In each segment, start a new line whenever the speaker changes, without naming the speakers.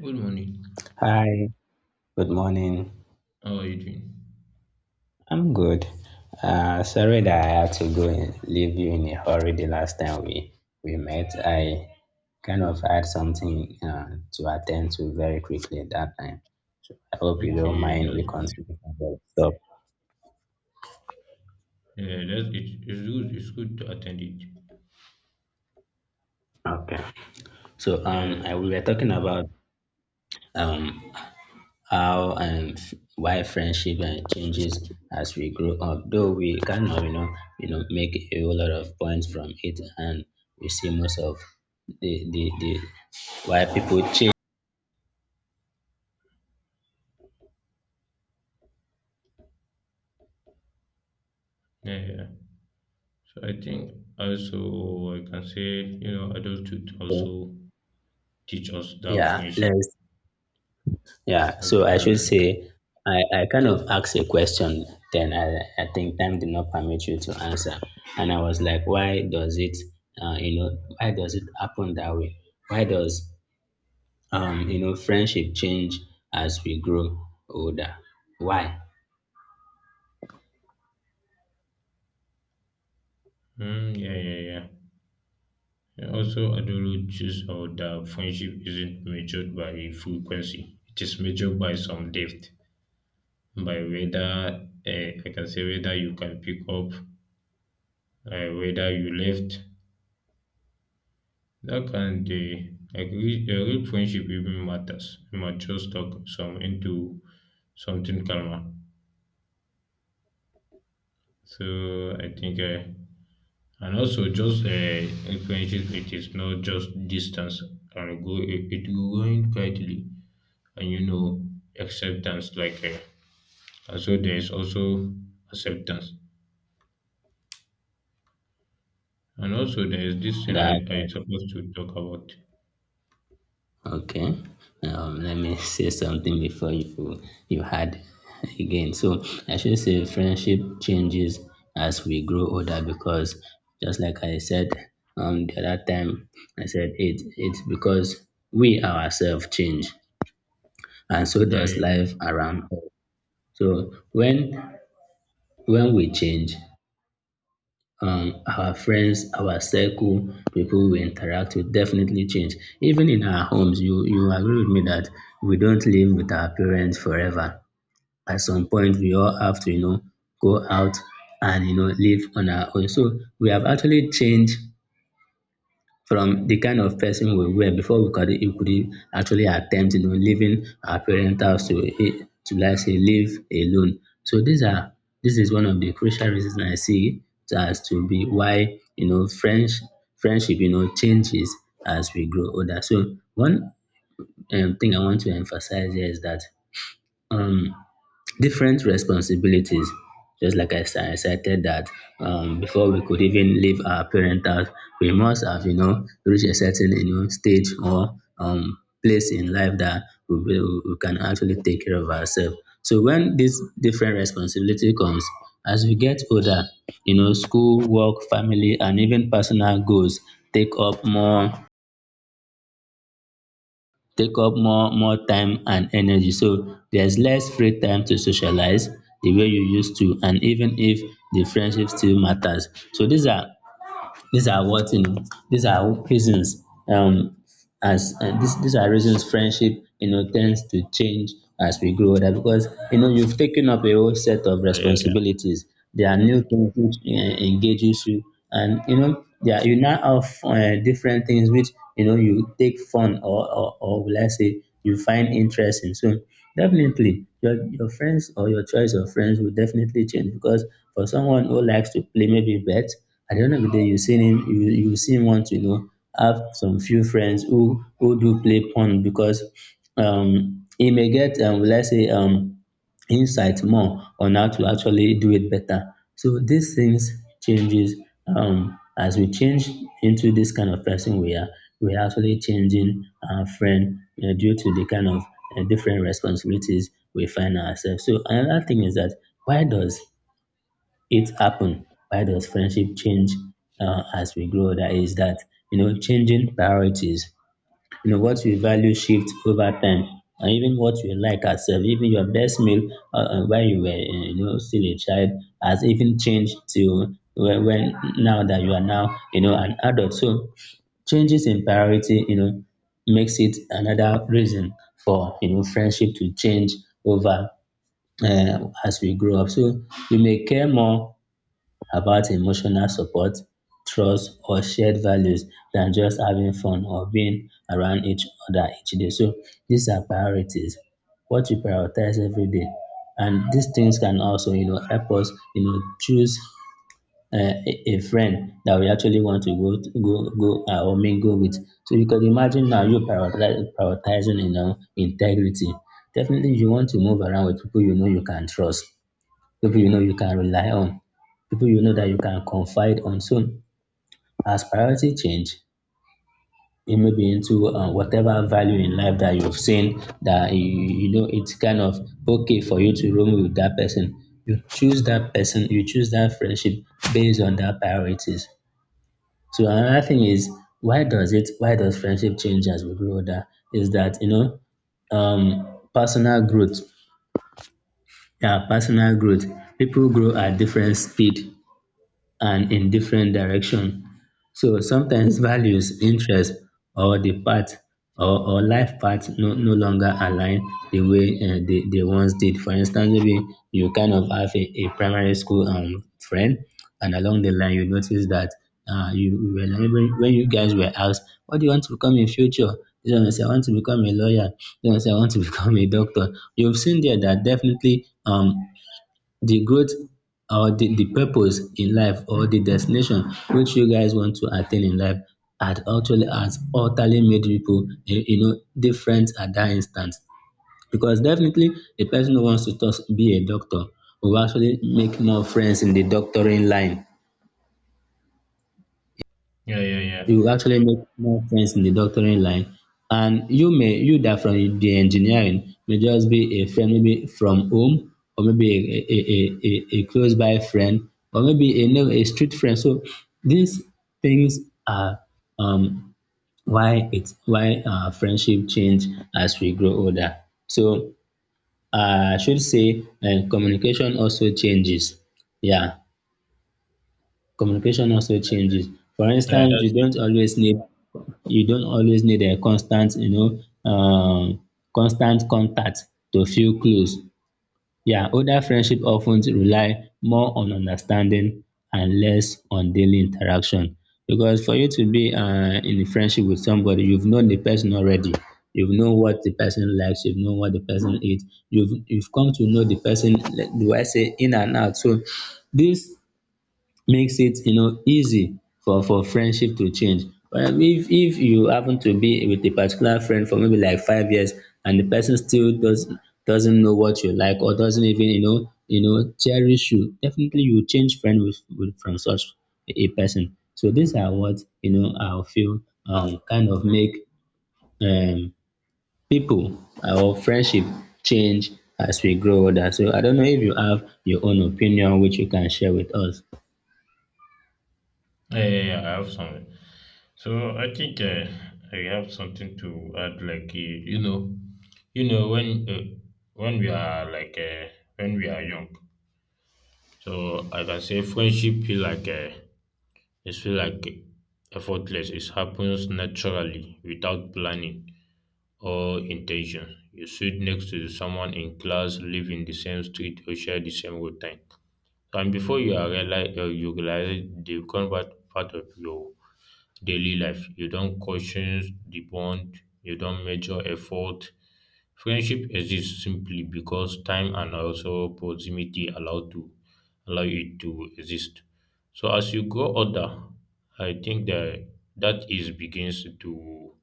Good morning.
Hi, good morning.
How are you doing?
I'm good. Sorry that I had to go and leave you in a hurry the last time we met. I kind of had something to attend to very quickly at that time. So I hope you don't
Okay,
mind we
that's good.
continue from where we stopped.
Yeah, that's it. It's good. It's good to attend it.
Okay.
Yeah,
We were talking about um how and why friendship changes as we grow up. Though we cannot, make a whole lot of points from it, and we see most of the why people change.
yeah. So I think also I can say you know adulthood also teach us that
Yeah,
friendship.
let's. Yeah, so
Okay,
I should
okay.
say I kind of asked a question, then I think time did not permit you to answer. And I was like, why does it, you know, why does it happen that way? Why does you know, friendship change as we grow older. Why?
Yeah, yeah, yeah. And also, adulthood teaches us that friendship isn't measured by frequency. It is measured by some depth, by whether I can say whether you can pick up, whether you left. That kind dey agree a real friendship even matters. It matures talk some into something calmer. So I think and also just a friendship it is not just distance and go it, it growing quietly and you know acceptance and so there is also acceptance, and also there is this thing
That
I supposed to talk about.
okay. Let me say something before you had again. So I should say friendship changes as we grow older because just like I said the other time, I said it's because we ourselves change and so
Yeah
does life
yeah
around us. So when we change, our friends, our circle, people we interact with definitely change. Even in our homes, you agree with me that we don't live with our parents forever. At some point, we all have to, you know, go out and, you know, live on our own. So we have actually changed from the kind of person we were before we could actually attempt, you know, leaving our parent house to, eh, to like say live alone. So these are this is one of the crucial reasons I see as to be why you know French friendship you know changes as we grow older. So one thing I want to emphasize here is that um different responsibilities. Just like I said, I cited that before we could even leave our parent house, we must have, you know, reached a certain, you know, stage or place in life that we can actually take care of ourselves. So when this different responsibility comes, as we get older, you know, school, work, family, and even personal goals take up more take up more time and energy, so there's less free time to socialize the way you used to, and even if the friendship still matters. So these are what you know, these are reasons, um as this these are reasons friendship you know tends to change as we grow older, because you know you've taken up a whole set of
yeah yeah
responsibilities. There are new things which engages you, and you know, yeah, you now have different things which you know you take fun or will I say you find interesting in. So definitely your friends or your choice of friends will definitely change, because for someone who likes to play maybe bet, at the end of the day you see him, you see him want to, you know, have some few friends who do play pong, because he may get let's say insight more on how to actually do it better. So these things changes as we change into this kind of person we are actually changing our friend you, due to the kind of different responsibilities we find ourselves. So another thing is that, why does it happen? Why does friendship change as we grow? That is that, you know, changing priorities. You know, what you value shift over time, and even what you like as self, even your best meal, when you were, you know, still a child, has even changed to when now that you are now you know an adult. So changes in priority, you know, makes it another reason for you know friendship to change over uh, as we grow up. So we may care more about emotional support, trust, or shared values than just having fun or being around each other each day. So these are priorities, what we prioritize every day. And these things can also, you know, help us, you know, choose a friend that we actually want to, go go or mingle with. So you can imagine now you prioritizing, you know, integrity. Definitely, you want to move around with people you know you can trust, people you know you can rely on, people you know that you can confide on. So as priority change, it may be into whatever value in life that you've seen that you know, it's kind of okay for you to roam with that person. You choose that person, you choose that friendship based on that priorities. So another thing is, why does friendship change as we grow older? Is that you know personal growth. Yeah, personal growth. People grow at different speed and in different direction. So sometimes values, interest, or the path or life path no longer align the way they once did. For instance, maybe you kind of have a primary school friend, and along the line, you notice that you were like- when you guys were asked, what do you want to become in future? This one will say, I want to become a lawyer. This one will say, I want to become a doctor. You've seen there that definitely the growth or the purpose in life or the destination which you guys want to attain in life had actually has utterly made people, eh, you know, different at that instant, because definitely a person who wants to just be a doctor will actually make more friends in the doctoring line.
yeah yeah yeah, yeah
You actually make more sense in the doctoring line. And you may, you that from the engineering may just be a friend, maybe from home, or maybe a close by friend, or maybe a street friend. So these things are um, why it's why our friendship change as we grow older. So I should say communication also changes. Yeah, communication also changes. For
yeah
instance,
that's it.
you don't always need a constant, you know, constant contact to feel close. Yeah, older friendship often rely more on understanding and less on daily interaction, because for you to be in a friendship with somebody, you've known the person already, you've known what the person likes, you've known what the person hate, you've come to know the person like, do I say, in and out. So this makes it, you know, easy for friendship to change. But if you happen to be with a particular friend for maybe like 5 years, and the person still does doesn't know what you like, or doesn't even, you know, you know, cherish you, definitely you change friend with from such a person. So these are what you know I feel kind of make um people our friendship change as we grow older. So I don't know if you have your own opinion which you can share with us.
Yeah, I have some. So I think I have something to add. Like you, you know when we are like when we are young, so I can say friendship feel like it feel like effortless. It happens naturally without planning or intention. You sit next to someone in class, live in the same street, or share the same routine. And before you are realize, you realize they've become part of you daily life. You don't question the bond, you don't measure effort. Friendship exists simply because time and also proximity allow it to exist. So as you grow older, I think that that is begins to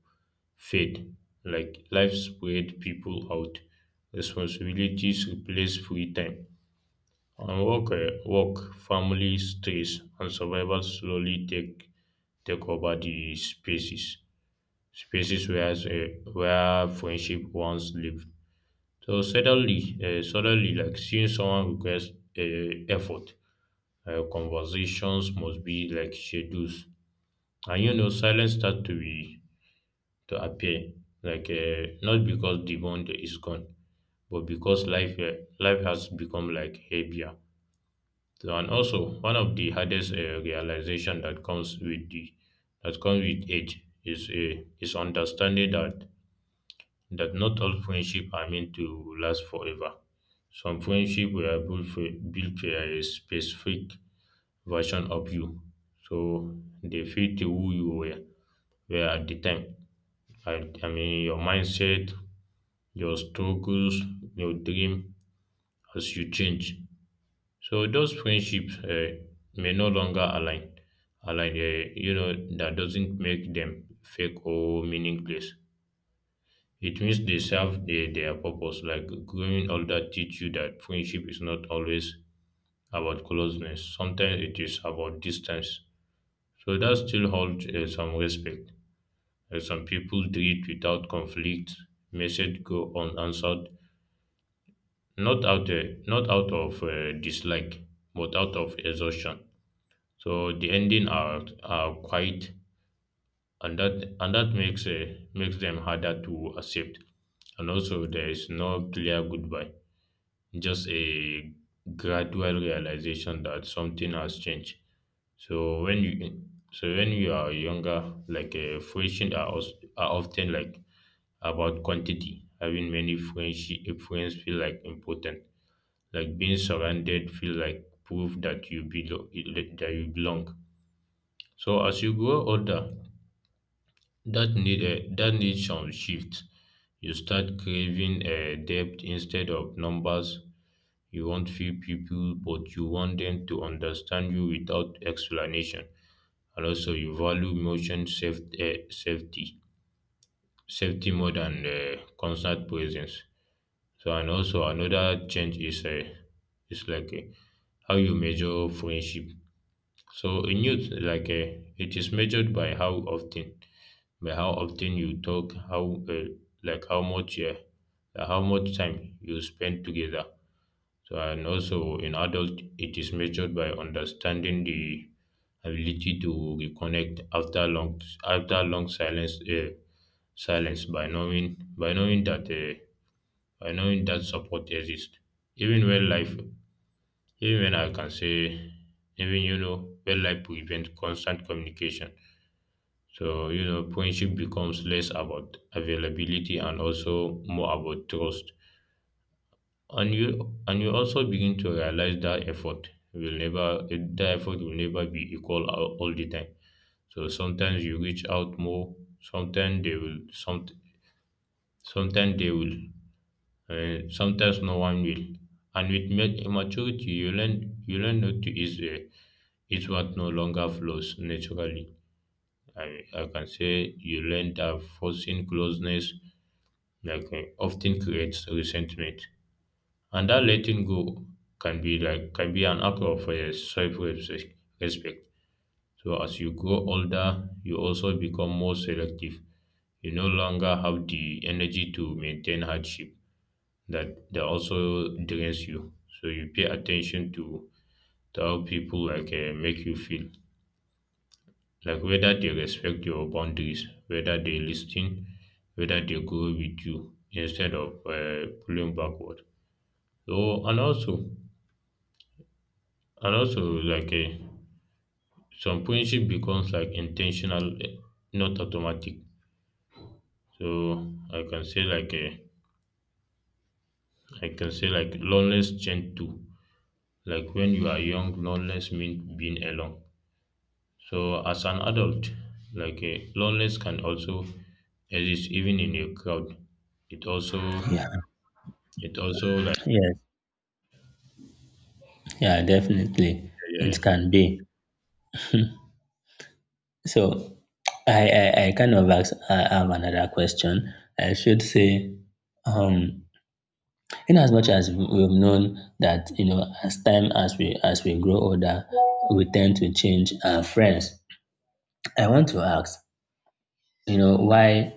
fade. Like life spread people out, responsibilities replace free time on work, work, family stress, and survival slowly take over the spaces where friendship once lived. So suddenly, like seeing someone requires effort. Conversations must be like schedules, and you know, silence start to appear. Like not because the bond is gone, but because life has become like heavier. So, and also one of the hardest realization that comes with age is understanding that that not all friendship are meant to last forever. Some friendship were built for a specific version of you, so they fit who you were at the time. I mean your mindset, your struggles, your dream as you change. So those friendships may no longer align. Align, you know, that doesn't make them fake or meaningless. It means they serve their purpose. Like growing older teach you that friendship is not always about closeness. Sometimes it is about distance. So that still holds some respect. Some people treat without conflict. Message go unanswered, not out uh, not out of dislike, but out of exhaustion. So the ending are quite, and that makes makes them harder to accept. And also there is no clear goodbye, just a gradual realization that something has changed. So when you so when you are younger, like friendships are often like about quantity. Having many friendship friends feel like important. Like being surrounded feel like proof that you belong. So as you grow older, that need, that needs some shift. You start craving depth instead of numbers. You want few people, but you want them to understand you without explanation. And also, you value emotion safety more than constant presence. So, and also another change is is like uh, how you measure friendship. So in youth, like it is measured by how often you talk, like how much uh, how much time you spend together. So and also in adult, it is measured by understanding the ability to reconnect after long silence. Silence by knowing by knowing that uh, by knowing that support exists. Even when life, even when I can say, even you know, when life prevents constant communication so, you know, friendship becomes less about availability and also more about trust. And you also begin to realize that effort will never that effort will never be equal all the time. So sometimes you reach out more, sometimes they will some sometimes they will sometimes no one will. And with maturity you learn not to is what no longer flows naturally. I can say you learn that forcing closeness like often creates resentment. And that letting go can be like can be an act of self respect. So as you grow older, you also become more selective. You no longer have the energy to maintain hardship that also drains you. So you pay to how people like make you feel, like whether they respect your boundaries, whether they listen, whether they go with you instead of pulling backward. So, and also, and also, like some friendship becomes like intentional, not automatic. So I can say like I can say like loneliness change too. Like when you are young, loneliness means being alone. So as an adult, like loneliness can also exist even in a crowd. It also
Yeah,
it also
yeah. Yeah, definitely.
eh, yeah.
It
yeah.
can be. So I kind of ask, I have another question. I should say, um, in as much as we've known that, you know, as time as we grow older, we tend to change our friends. I want to ask, you know,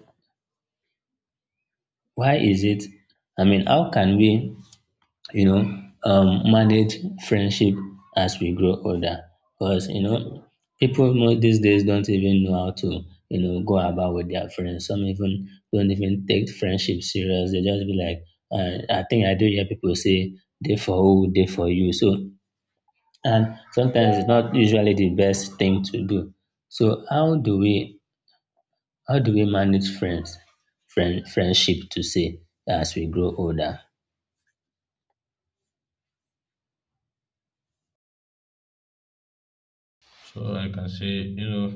why is it, I mean, how can we, you know, manage friendship as we grow older. Because, you know, people most these days don't even know how to, you know, go about with their friends. Some even don't even take friendship serious. They just be like, I think I do hear people say, they for who, they for you. So, and sometimes it's not usually the best thing to do. So how do we manage friendship to say as we grow older?
So I can say you know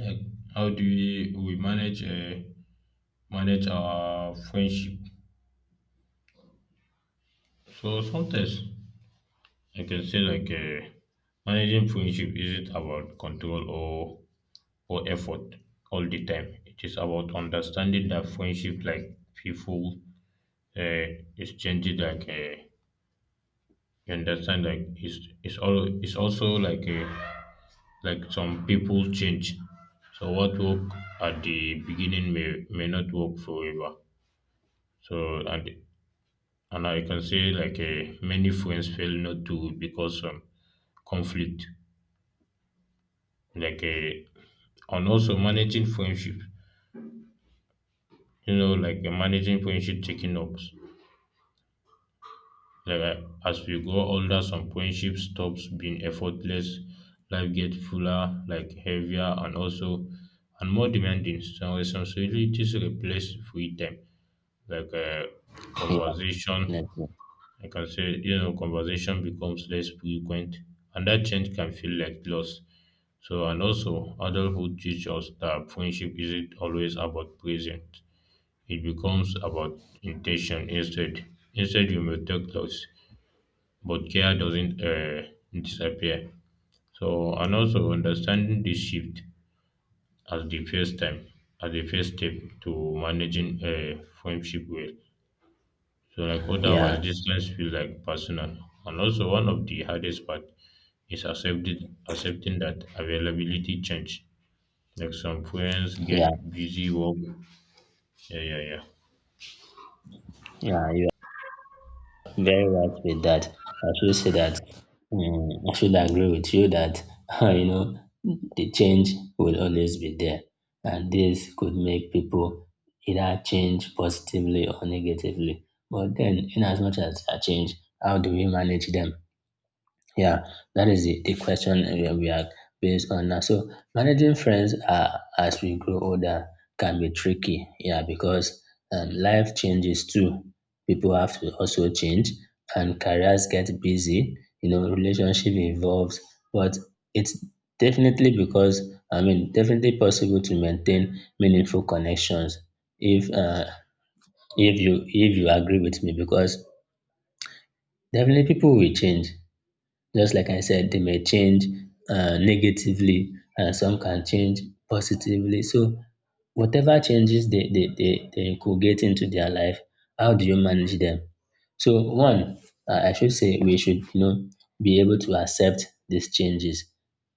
like how do we manage manage our friendship. So sometimes I can say like managing friendship isn't about control or effort all the time. It is about understanding that friendship, like people, uh, is changing. Like you understand, like it's all it's also like some people change. So what work at the beginning may not work forever. So and I can say like many friends fail not to because of conflict like a, and also managing friendship you know like managing friendship taking ups like as we grow older some friendship stops being effortless. Life gets fuller like heavier and also and more demanding. Some responsibilities replace free time like
Yeah,
conversation.
definitely.
I can say you know conversation becomes less frequent and that change can feel like loss. So and also adulthood teaches us that friendship isn't always about present. It becomes about intention instead. Instead, you may take loss, but care doesn't disappear. So, and also understanding this shift as the first time, as the first step to managing a friendship well. So, like otherwise,
Yeah,
distance feels like personal. And also, one of the hardest part is accepting that availability change. Like some friends
yeah.
get busy work. Yeah, yeah, yeah.
Yeah, you are very right with that. I should say that, mm, I should agree with you that you know the change will always be there, and this could make people either change positively or negatively. But then, in as much as a change, how do we manage them? Yeah, that is the question we are based on now. So managing friends as we grow older can be tricky. Yeah, because life changes too. People have to also change, and careers get busy. You know, relationship evolves, but it's definitely because I mean, definitely possible to maintain meaningful connections if uh, if you agree with me, because definitely people will change just like I said, they may change negatively, and some can change positively. So, whatever changes they could get into their life, how do you manage them? So, one, I should say we should, you know, be able to accept these changes.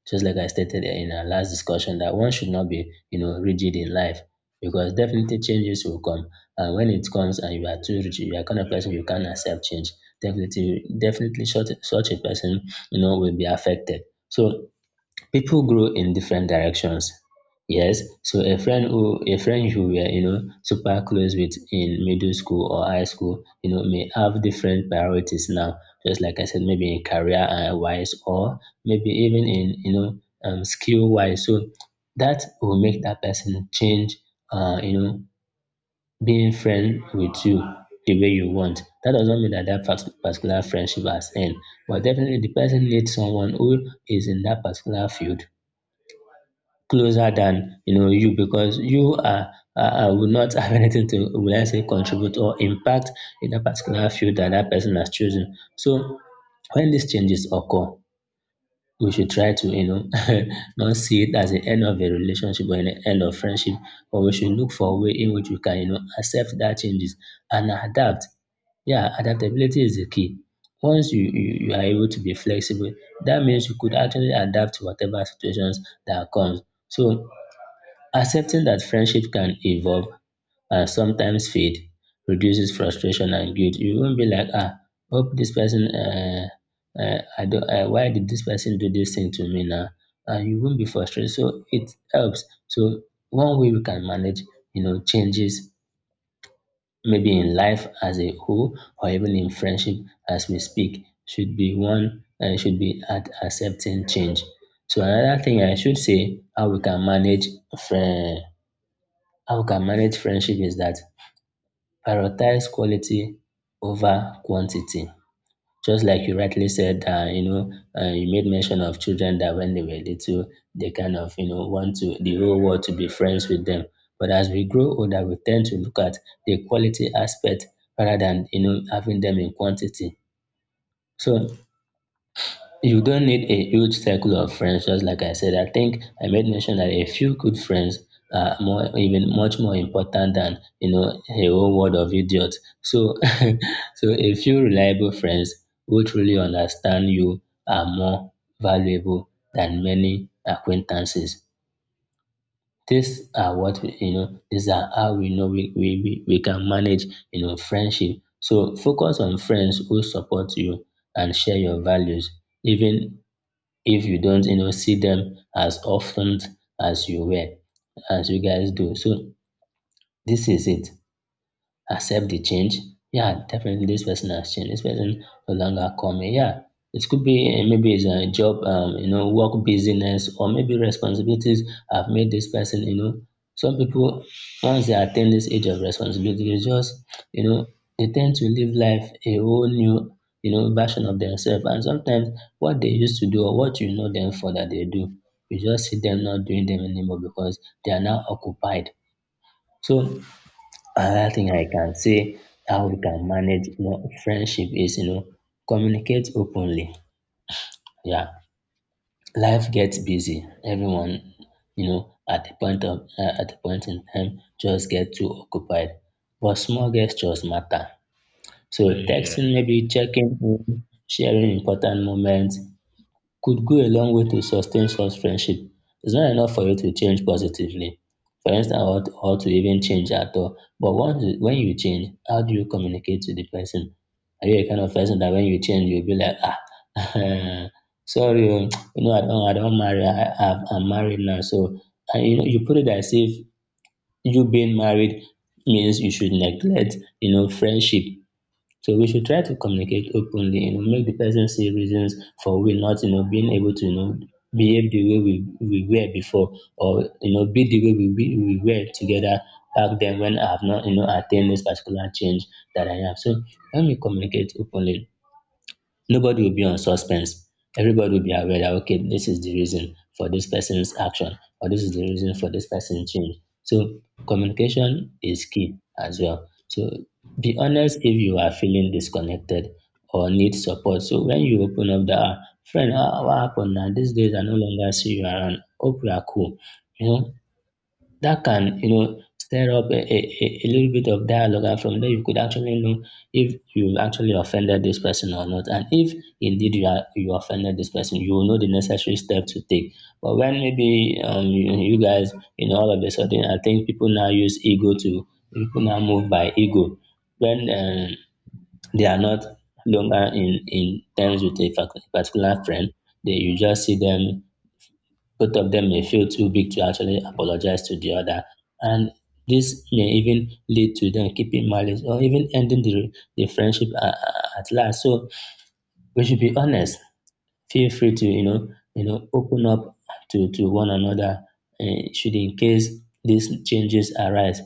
Just like I stated in our last discussion, that one should not be, you know, rigid in life because definitely changes will come. And when it comes and you are too rigid, you are kind of person you can't accept change. Definitely, such a person you know, will be affected. So people grow in different directions. Yes. So a friend you were, you know, super close with in middle school or high school, you know, may have different priorities now. Just like I said, maybe in career wise or maybe even in, you know, skill wise. So that will make that person change you know, being friend with you the way you want. That doesn't mean that particular friendship has end, but definitely the person needs someone who is in that particular field closer than you know you because you are will not have anything to will I say contribute or impact in that particular field that that person has chosen. So when these changes occur, we should try to you know not see it as the end of a relationship or the end of friendship, but we should look for a way in which we can you know accept that changes and adapt. Yeah, adaptability is the key. Once you are able to be flexible, that means you could actually adapt to whatever situations that comes. So accepting that friendship can evolve sometimes feed reduces frustration and guilt. You won't be like, ah, hope this person, I don't, why did this person do this thing to me now? And you won't be frustrated. So it helps. So one way we can manage, you know, changes maybe in life as a whole or even in friendship as we speak should be one should be at accepting change. So another thing I should say how we can manage friend how we can manage friendship is that prioritize quality over quantity. Just like you rightly said, you know, you made mention of children that when they were little, they kind of, you know, want to the whole world to be friends with them. But as we grow older, we tend to look at the quality aspect rather than, you know, having them in quantity. So you don't need a huge circle of friends, just like I said. I think I made mention that a few good friends are more, even much more important than you know a whole world of idiots. So, so a few reliable friends who truly understand you are more valuable than many acquaintances. These are what we, you know. These are how we know we can manage you know friendship. So focus on friends who support you and share your values even if you don't you know see them as often as you were as you guys do. So this is it, accept the change. Yeah, definitely this person has changed. This person no longer coming. Yeah, it could be eh, maybe it's a job, you know, work busyness, or maybe responsibilities have made this person, you know. Some people, once they attain this age of responsibility, they just, you know, they tend to live life a whole new, you know, version of themselves. And sometimes what they used to do or what you know them for that they do, you just see them not doing them anymore because they are now occupied. So another thing I can say how we can manage you know, friendship is you know communicate openly. Yeah, life gets busy. Everyone, you know, at the point of at the point in time, just get too occupied. But small gestures matter. So
Yeah, yeah,
texting,
yeah.
maybe checking in, sharing important moments, could go a long way to sustain such friendship. It's not enough for you to change positively, for instance, or to even change at all. But once you, when you change, how do you communicate to the person? Are you a kind of person that when you change, you'll be like, ah, sorry, oh, you know, I don't marry, I'm married now. So, and you know, you put it as if you being married means you should neglect, you know, friendship. So we should try to communicate openly and make the person see reasons for we not, you know, being able to, you know, behave the way we were before or, you know, be the way we were together back then when I have not, you know, attained this particular change that I have. So when we communicate openly, nobody will be on suspense. Everybody will be aware that okay, this is the reason for this person's action, or this is the reason for this person's change. So communication is key as well. So be honest if you are feeling disconnected or need support. So when you open up the "Ah, friend, ah, what happened now? These days I no longer see you around. Hope you are cool. You know, that can you know stir up a little bit of dialogue and from there you could actually know if you've actually offended this person or not and if indeed you offended this person you will know the necessary step to take. But when maybe you guys you know all of a sudden I think people now use ego to people now move by ego when they are not longer in terms with a particular friend they you just see them both of them may feel too big to actually apologize to the other and this may even lead to them keeping malice or even ending the friendship at last. So we should be honest, feel free to you know open up to one another eh, should in case these changes arise.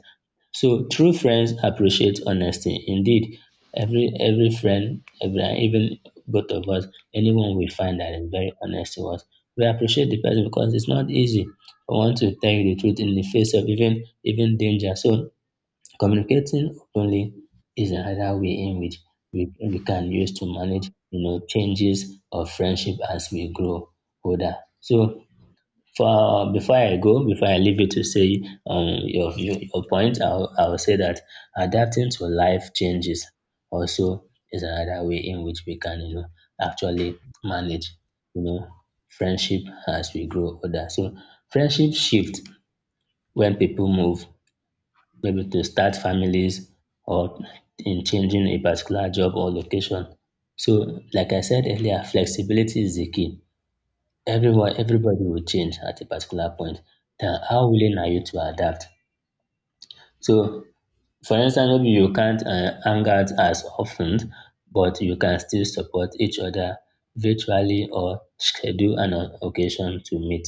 So true friends appreciate honesty. Indeed, every friend, every, and even both of us, anyone we find that is very honest to us, we appreciate the person because it's not easy for one to tell you the truth in the face of even danger. So communicating openly is another way in which we can use to manage you know changes of friendship as we grow older. So for before I go, before I leave you to say your view, your point, I'll say that adapting to life changes also is another way in which we can, you know, actually manage, you know, friendship as we grow older. So friendship shift when people move, maybe to start families or in changing a particular job or location. So, like I said earlier, flexibility is the key. Everyone Everybody will change at a particular point, then how willing are you to adapt. So for instance maybe you can't hang out as often but you can still support each other virtually or schedule an occasion to meet.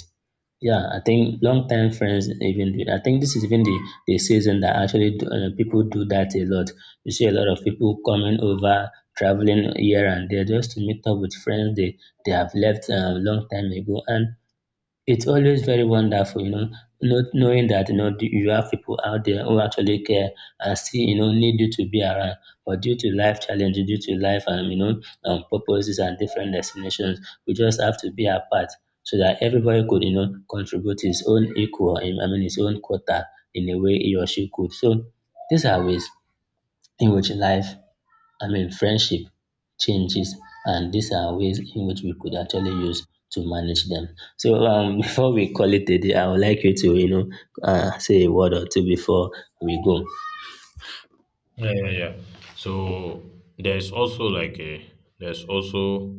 Yeah I think long-time friends I think this is even the season that actually do, people do that a lot. You see a lot of people coming over traveling here and there just to meet up with friends they have left long time ago and it's always very wonderful, you know, not knowing that you know you have people out there who actually care and still you know need you to be around. But due to life challenges, due to life and you know purposes and different destinations, we just have to be apart so that everybody could you know contribute his own equal. I mean his own quota in a way he or she could. So these are ways in which life I mean, friendship changes, and these are ways in which we could actually use to manage them. So, before we call it a day, I would like you to, you know, say a word or two before we go.
Yeah, yeah, yeah. So there's also like a there's also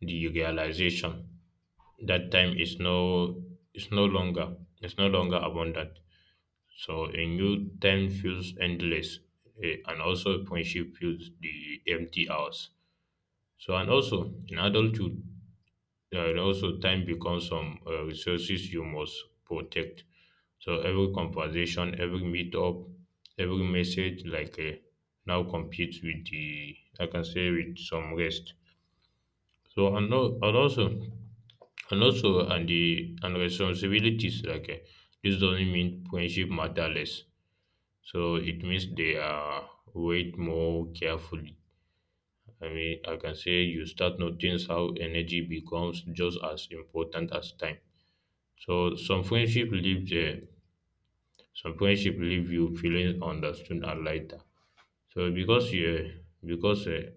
the realization that time is no it's no longer abundant. So a new time feels endless, and also friendship feels the empty hours. So and also in adulthood, yeah, and also time becomes some resources you must protect. So every conversation, every meetup, every message, like now competes with the I can say with some rest. So and, al- and also and also and the and responsibilities like this doesn't mean friendship matter less. So it means they are weighed more carefully. I mean, I can say you start noticing how energy becomes just as important as time. So some friendship leave you feeling understood and lighter. So because you because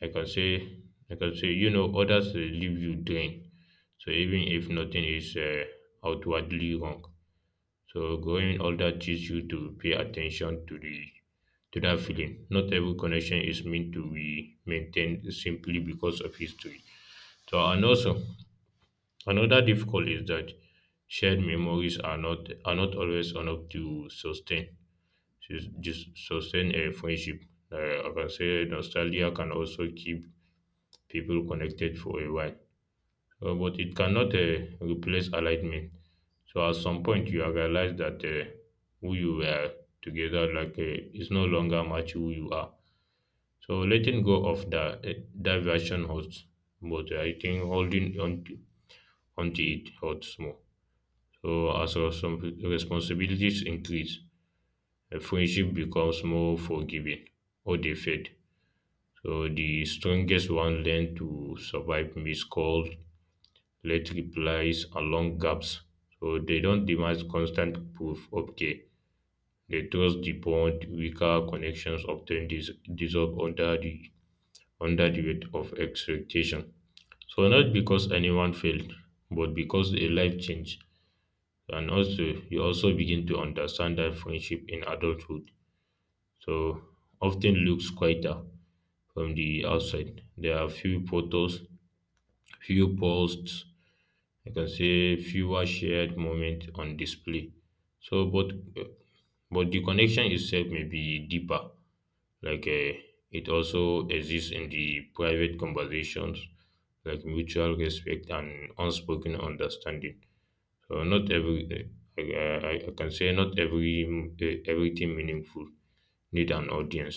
I can say I can say you know others leave you drained. So even if nothing is outwardly wrong, so growing older teaches you to pay attention to the to that feeling. Not every connection is meant to be maintained simply because of history. So and also another difficulty is that shared memories are not always enough to sustain to just sustain a friendship. I can say nostalgia can also keep people connected for a while. But it cannot replace alignment. So at some point, you realize that who you were together like is no longer match who you are. So letting go of that that version hurts, but I think holding onto it hurts more. So as responsibilities increase, a friendship becomes more forgiving or they fade. So the strongest one learn to survive missed calls, late replies, and long gaps. So they don't demand constant proof of care. They trust the bond. Weaker connections often dissolve under the weight of expectation. So not because anyone failed, but because a life changed. And also you also begin to understand that friendship in adulthood so often looks quieter from the outside. There are few photos, few posts, I can say fewer shared moments on display. But but the connection itself may be deeper. Like it also exists in the private conversations, like mutual respect and unspoken understanding. So not every I can say not every everything meaningful need an audience.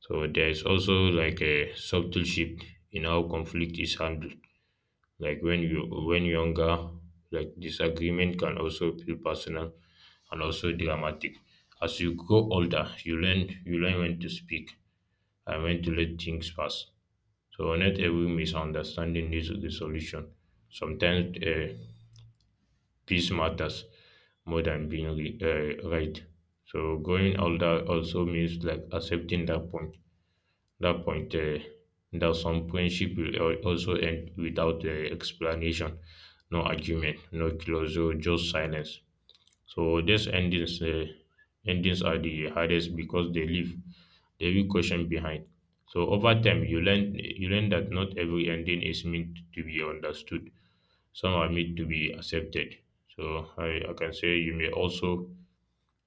So there is also like a subtle shift in how conflict is handled. Like when younger, like disagreement can also feel personal and also dramatic. As you grow older, you learn when to speak and when to let things pass. So not every misunderstanding needs a resolution. Sometimes peace matters more than being right. So growing older also means like accepting that point. That point uh, that some friendship will also end without explanation, no argument, no closure, just silence. So these endings are the hardest because they leave the real question behind. So over time, you learn that not every ending is meant to be understood, some are made to be accepted. So I can say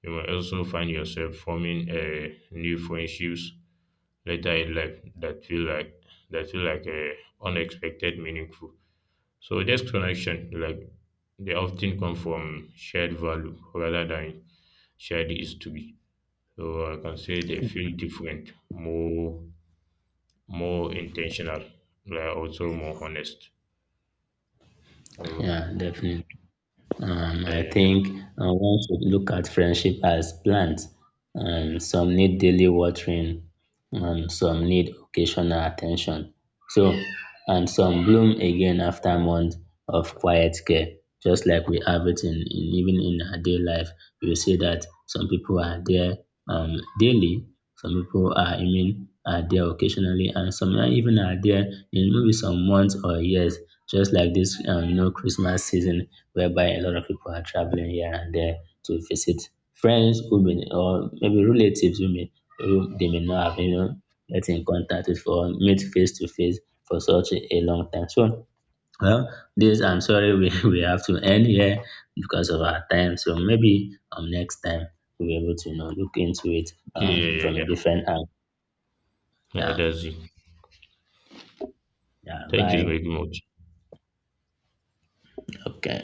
you may also find yourself forming a new friendships later in life that feel like a unexpected meaningful. So this connection like they often come from shared value rather than shared history. So I can say they feel different, more intentional, like also more honest. So
Yeah, definitely.
yeah
I
yeah yeah.
think one should look at friendship as plants. Some need daily watering, some need occasional attention. So, and some bloom again after months of quiet care, just like we have it in even in our day life. You see that some people are there daily, some people are, I mean, are there occasionally, and some are even are there in maybe some months or years, just like this, you know, Christmas season whereby a lot of people are traveling here and there to visit friends who may or maybe relatives who may who they may not have you know get in contact with or meet face to face for such a long time. So well, this I'm sorry we, we have to end here because of our time. So maybe next time we'll be able to you know look into it
Yeah yeah
from a
yeah yeah.
different angle.
Yeah,
Yeah,
that's it.
yeah.
Thank you
Bye.
very much.
Okay.